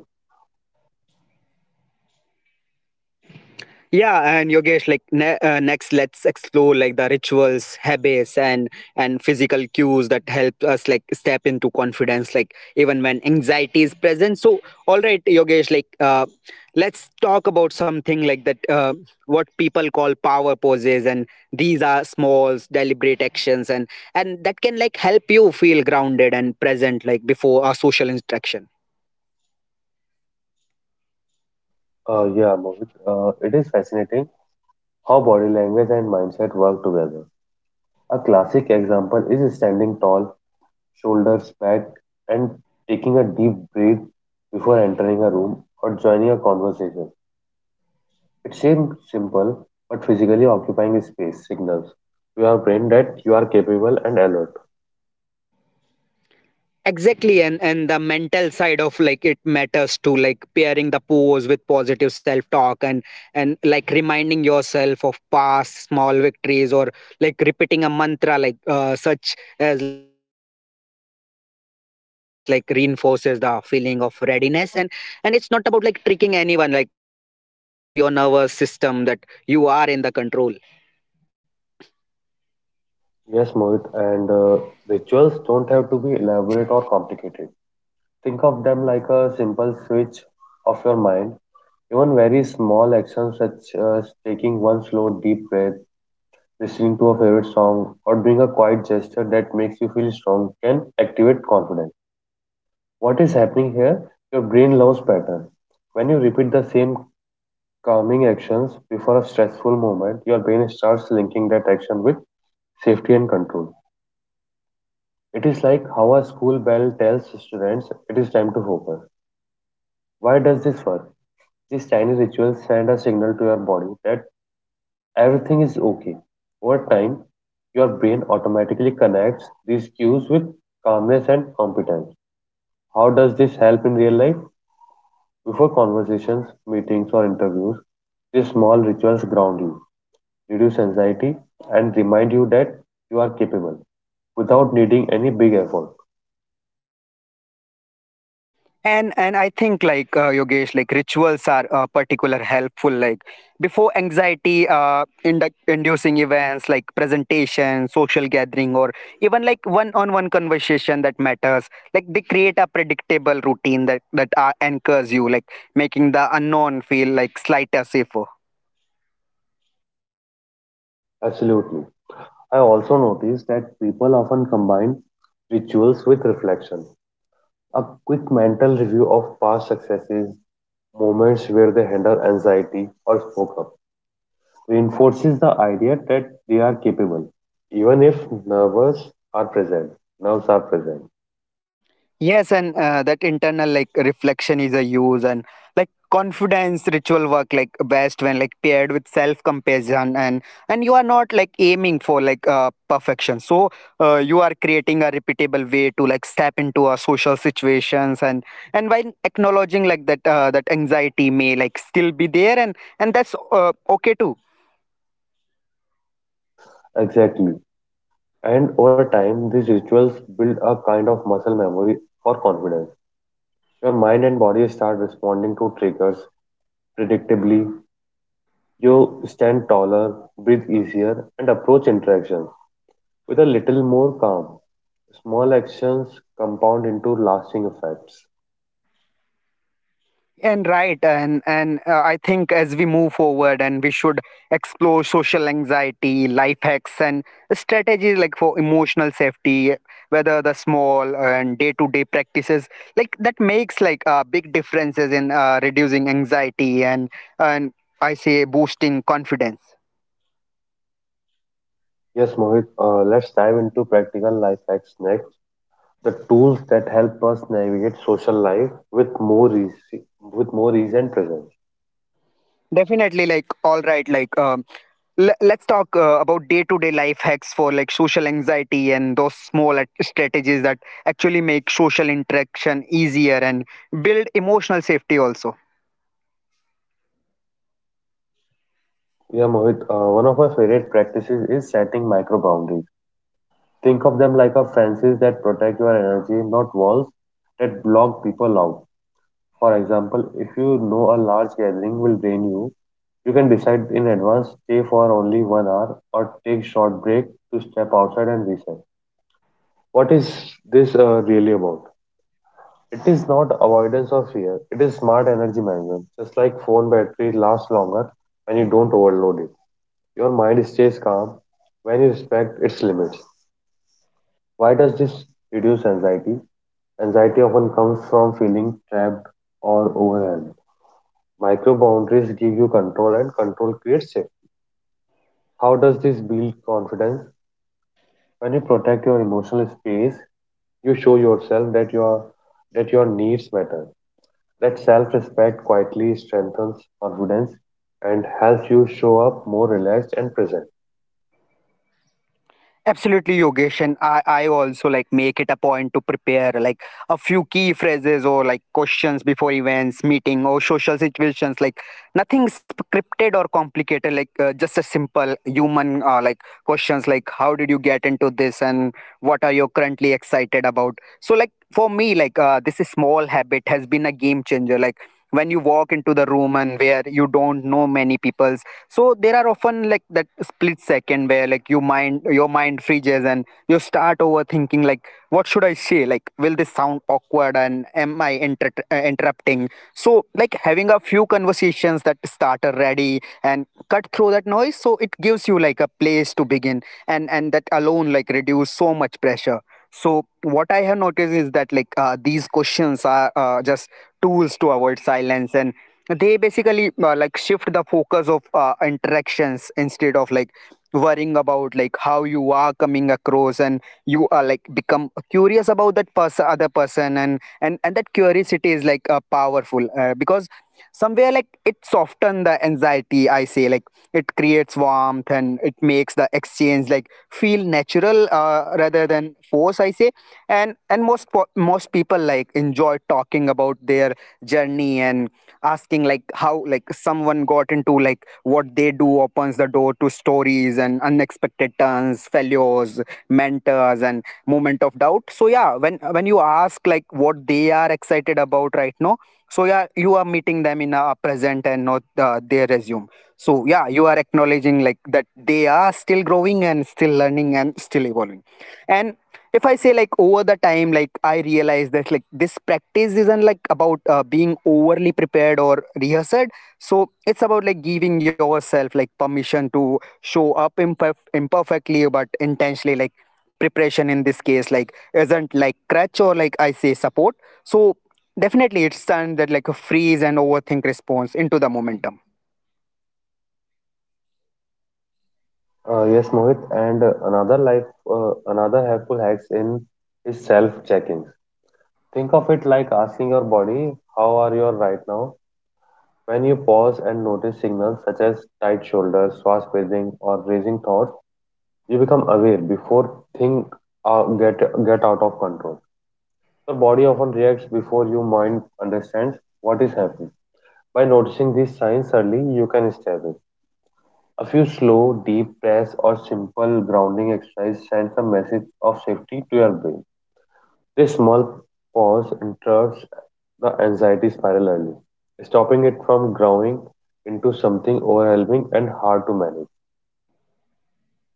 [SPEAKER 1] Yeah, and Yogesh, like next let's explore like the rituals, habits, and physical cues that help us like step into confidence like even when anxiety is present. So all right, Yogesh, like let's talk about something like that. What people call power poses, and these are small deliberate actions, and that can like help you feel grounded and present like before a social interaction.
[SPEAKER 2] Yeah, Mohit, it is fascinating how body language and mindset work together. A classic example is standing tall, shoulders back, and taking a deep breath before entering a room or joining a conversation. It seems simple, but physically occupying space signals to your brain that you are capable and alert.
[SPEAKER 1] Exactly, and the mental side of like it matters too, like pairing the pose with positive self talk, and like reminding yourself of past small victories or like repeating a mantra like such as like I can handle this, like reinforces the feeling of readiness, and it's not about like tricking anyone, like it's about like signaling the like to your nervous system that you are in the control.
[SPEAKER 2] Yes, Mohit, and rituals don't have to be elaborate or complicated. Think of them like a simple switch of your mind. Even very small actions such as taking one slow deep breath, listening to a favorite song, or doing a quiet gesture that makes you feel strong can activate confidence. What is happening here? Your brain loves pattern. When you repeat the same calming actions before a stressful moment, your brain starts linking that action with safety and control. It is like how a school bell tells students it is time to focus. Why does this work? These tiny rituals send a signal to your body that everything is okay. Over time, your brain automatically connects these cues with calmness and competence. How does this help in real life? Before conversations, meetings, or interviews, these small rituals ground you, reduce anxiety, and remind you that you are capable without needing any big effort.
[SPEAKER 1] And I think like Yogesh, like rituals are particular helpful like before anxiety inducing events like presentation, social gathering, or even like one on one conversation that matters, like they create a predictable routine that anchors you like making the unknown feel like slighter safer.
[SPEAKER 2] Absolutely. I also notice that people often combine rituals with reflection. A quick mental review of past successes, moments where they handle anxiety or spoke up reinforces the idea that they are capable, even if nerves are present. nerves are present.
[SPEAKER 1] Yes, and that internal like reflection is a use, and like confidence ritual work like best when like paired with self compassion, and you are not like aiming for like perfection. So you are creating a repeatable way to like step into a social situations, and while acknowledging like that that anxiety may like still be there, and that's okay too.
[SPEAKER 2] Exactly. And over time, these rituals build a kind of muscle memory for confidence. Your mind and body start responding to triggers predictably. You stand taller, breathe easier, and approach interactions with a little more calm. Small actions compound into lasting effects.
[SPEAKER 1] And right, and I think as we move forward, and we should explore social anxiety life hacks and strategies like for emotional safety, whether the small and day to day practices like that makes like big differences in reducing anxiety, and I say boosting confidence.
[SPEAKER 2] Yes, Mohit, let's dive into practical life hacks next. The tools that help us navigate social life with more easy, with more ease and presence.
[SPEAKER 1] Definitely, like all right, like let's talk about day-to-day life hacks for like social anxiety, and those small strategies that actually make social interaction easier and build emotional safety also.
[SPEAKER 2] Yeah, Mohit, one of my favorite practices is setting micro boundaries. Think of them like a fences that protect your energy, not walls that block people out. For example, if you know a large gathering will drain you, you can decide in advance, stay for only 1 hour or take short break to step outside and reset. What is this really about? It is not avoidance of fear. It is smart energy management. Just like phone battery lasts longer when you don't overload it. Your mind stays calm when you respect its limits. Why does this reduce anxiety? Anxiety often comes from feeling trapped or overwhelmed. Micro boundaries give you control and control creates it. How does this build confidence? When you protect your emotional space, you show yourself that your needs matter. That self respect quietly strengthens confidence and helps you show up more relaxed and present.
[SPEAKER 1] Absolutely, Yogesh, and I also like make it a point to prepare like a few key phrases or like questions before events, meeting, or social situations. Like nothing scripted or complicated. Like just a simple human like questions like how did you get into this, and what are you currently excited about. So like for me, like this is small habit has been a game changer. Like when you walk into the room and where you don't know many people, so there are often like that split second where like your mind freezes and you start overthinking like what should I say, like will this sound awkward and am I interrupting. So like having a few conversations that start already and cut through that noise, so it gives you like a place to begin. And that alone like reduce so much pressure. So what I have noticed is that like these questions are just tools to avoid silence, and they basically like shift the focus of interactions instead of like worrying about like how you are coming across, and you are like become curious about that person, other person, and that curiosity is like powerful because somewhere like it softens the anxiety I say, like it creates warmth and it makes the exchange like feel natural rather than force I say. And most most people like enjoy talking about their journey, and asking like how like someone got into like what they do opens the door to stories and unexpected turns, failures, mentors and moment of doubt. So yeah, when you ask like what they are excited about right now, so yeah, you are meeting them in a present and not their resume. So yeah, you are acknowledging like that they are still growing and still learning and still evolving. And if I say like over the time like I realize that like this practice isn't like about being overly prepared or rehearsed. So it's about like giving yourself like permission to show up imperfectly but intentionally. Like preparation in this case like isn't like crutch or like I say support. So definitely, it's done that like a freeze and overthink response into the momentum.
[SPEAKER 2] Yes, Mohit, and another helpful hacks in is self checking. Think of it like asking your body, "How are you right now?" When you pause and notice signals such as tight shoulders, fast breathing, or racing thoughts, you become aware before things uh, get get out of control. The body often reacts before your mind understands what is happening. By noticing these signs early, you can step in. A few slow, deep breaths or simple grounding exercise sends a message of safety to your brain. This small pause interrupts the anxiety spiral early, stopping it from growing into something overwhelming and hard to manage.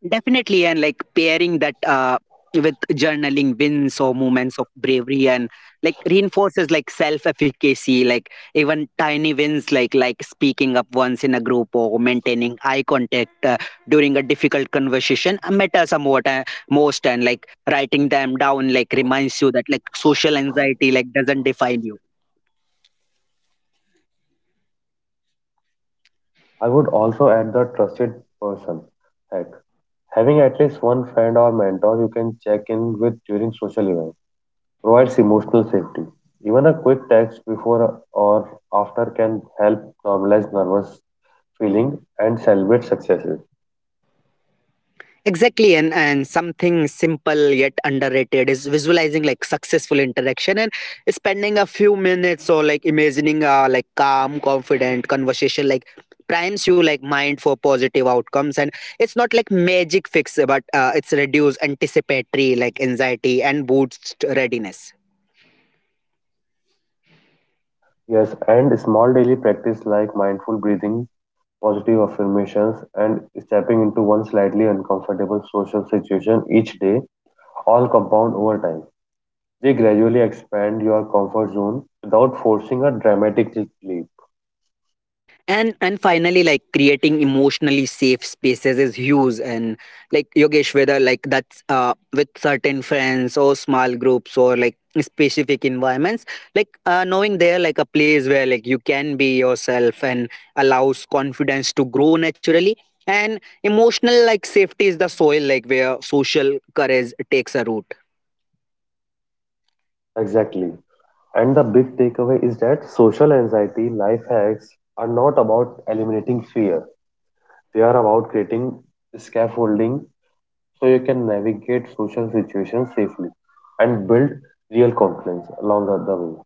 [SPEAKER 1] Definitely, and like pairing that with journaling wins or moments of bravery, and like reinforces like self-efficacy, like even tiny wins, like speaking up once in a group or maintaining eye contact during a difficult conversation matter somewhat most, and like writing them down like reminds you that like social anxiety like doesn't define you.
[SPEAKER 2] I would also add the trusted person hack. Having at least one friend or mentor you can check in with during social events provides emotional safety. Even a quick text before or after can help normalize nervous feeling and celebrate successes.
[SPEAKER 1] Exactly, and something simple yet underrated is visualizing like successful interaction and spending a few minutes or like imagining a like calm, confident conversation like primes you like mind for positive outcomes, and it's not like magic fix but it's reduce anticipatory like anxiety and boosts readiness.
[SPEAKER 2] Yes, and small daily practice like mindful breathing, positive affirmations, and stepping into one slightly uncomfortable social situation each day all compound over time. They gradually expand your comfort zone without forcing a dramatic leap.
[SPEAKER 1] And finally, like creating emotionally safe spaces is huge, and like Yogesh, whether like that's with certain friends or small groups or like specific environments, like knowing there like a place where like you can be yourself and allows confidence to grow naturally. And emotional like safety is the soil like where social courage takes a root.
[SPEAKER 2] Exactly. And the big takeaway is that social anxiety life hacks are not about eliminating fear. They are about creating scaffolding so you can navigate social situations safely and build real confidence along the way.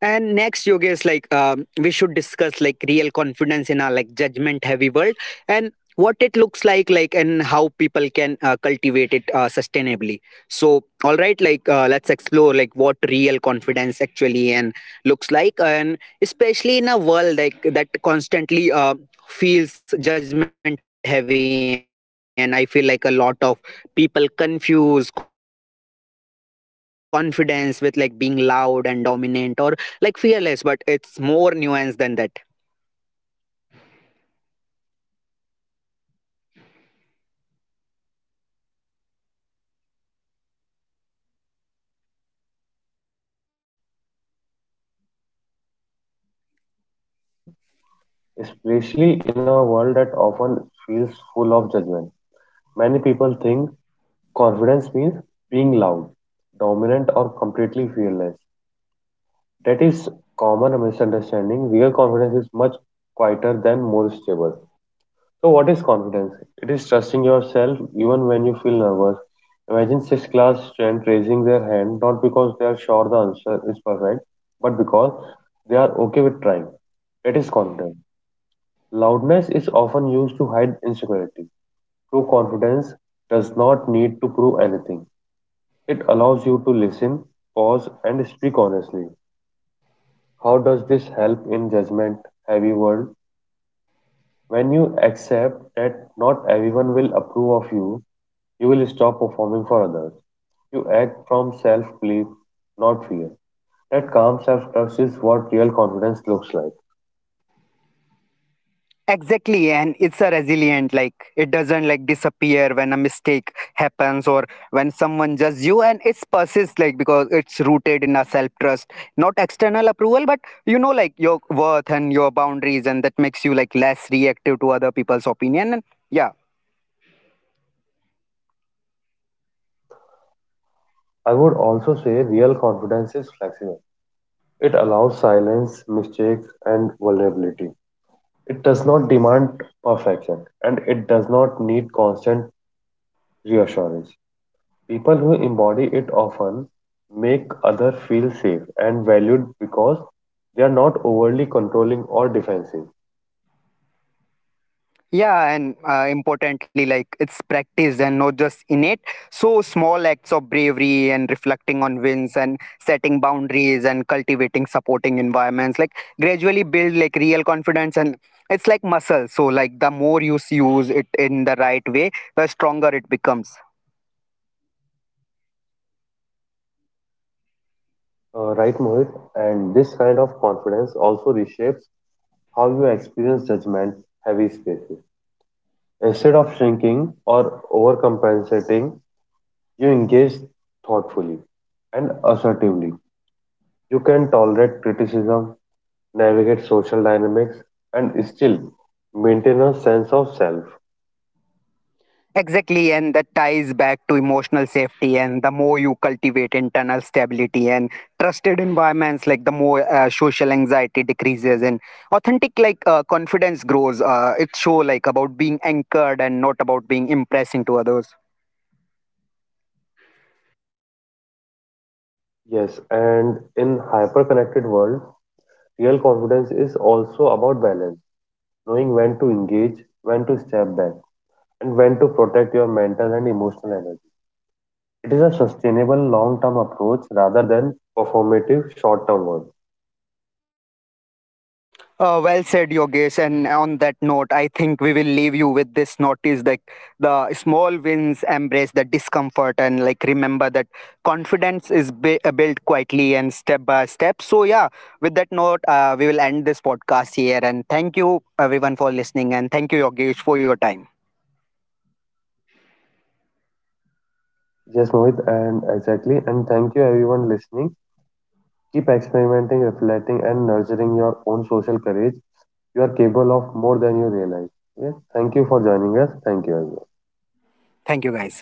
[SPEAKER 1] And next Yoga is like we should discuss like real confidence in our like judgment heavy world, and what it looks like and how people can cultivate it sustainably. So all right, like let's explore like what real confidence actually and looks like, and especially in a world like that constantly feels judgment heavy. And I feel like a lot of people confuse confidence with like being loud and dominant or like fearless, but it's more nuanced than that.
[SPEAKER 2] All right, Mohit, let's explore what real confidence actually looks like, especially in a world that often feels full of judgment. Many people think confidence means being loud, dominant, or completely fearless. That is common misunderstanding. Real confidence is much quieter than more stable. So, what is confidence? It is trusting yourself even when you feel nervous. Imagine sixth class student raising their hand not because they are sure the answer is perfect, but because they are okay with trying. That is confidence. Loudness is often used to hide insecurity. True confidence does not need to prove anything. It allows you to listen, pause, and speak honestly. How does this help in judgment heavy world? When you accept that not everyone will approve of you, you will stop performing for others. You act from self belief, not fear. That calm self trust is what real confidence looks like.
[SPEAKER 1] Exactly, and it's a resilient. Like it doesn't like disappear when a mistake happens or when someone judges you, and it persists like because it's rooted in a self trust, not external approval, but you know like your worth and your boundaries, and that makes you like less reactive to other people's opinion. And yeah,
[SPEAKER 2] I would also say real confidence is flexible. It allows silence, mistakes, and vulnerability. It does not demand perfection and it does not need constant reassurance. People who embody it often make others feel safe and valued because they are not overly controlling or defensive.
[SPEAKER 1] yeah, and importantly, like it's practiced and not just innate. So small acts of bravery and reflecting on wins and setting boundaries and cultivating supporting environments like gradually build like real confidence, and it's like muscle. So like the more you use it in the right way, the stronger it becomes.
[SPEAKER 2] Right, Mohit. And this kind of confidence also reshapes how you experience judgment heavy spaces. Instead of shrinking or overcompensating, you engage thoughtfully and assertively. You can tolerate criticism, navigate social dynamics, and still maintain a sense of self.
[SPEAKER 1] Exactly, and that ties back to emotional safety. And the more you cultivate internal stability and trusted environments, like the more social anxiety decreases and authentic, like confidence grows. It show like about being anchored and not about being impressing to others.
[SPEAKER 2] Yes, and in hyper-connected world, real confidence is also about balance, knowing when to engage, when to step back and when to protect your mental and emotional energy. It is a sustainable long term approach rather than performative short term one.
[SPEAKER 1] Well said, Yogesh. And on that note, I think we will leave you with this notice that the small wins embrace the discomfort and like remember that confidence is built quietly and step by step. So yeah, with that note, we will end this podcast here. And thank you, everyone, for listening. And thank you, Yogesh, for your time.
[SPEAKER 2] Yes, Mohit, and exactly. And thank you, everyone listening. Keep experimenting, reflecting, and nurturing your own social courage. You are capable of more than you realize. Yes, thank you for joining us. Thank you, everyone.
[SPEAKER 1] Thank you, guys.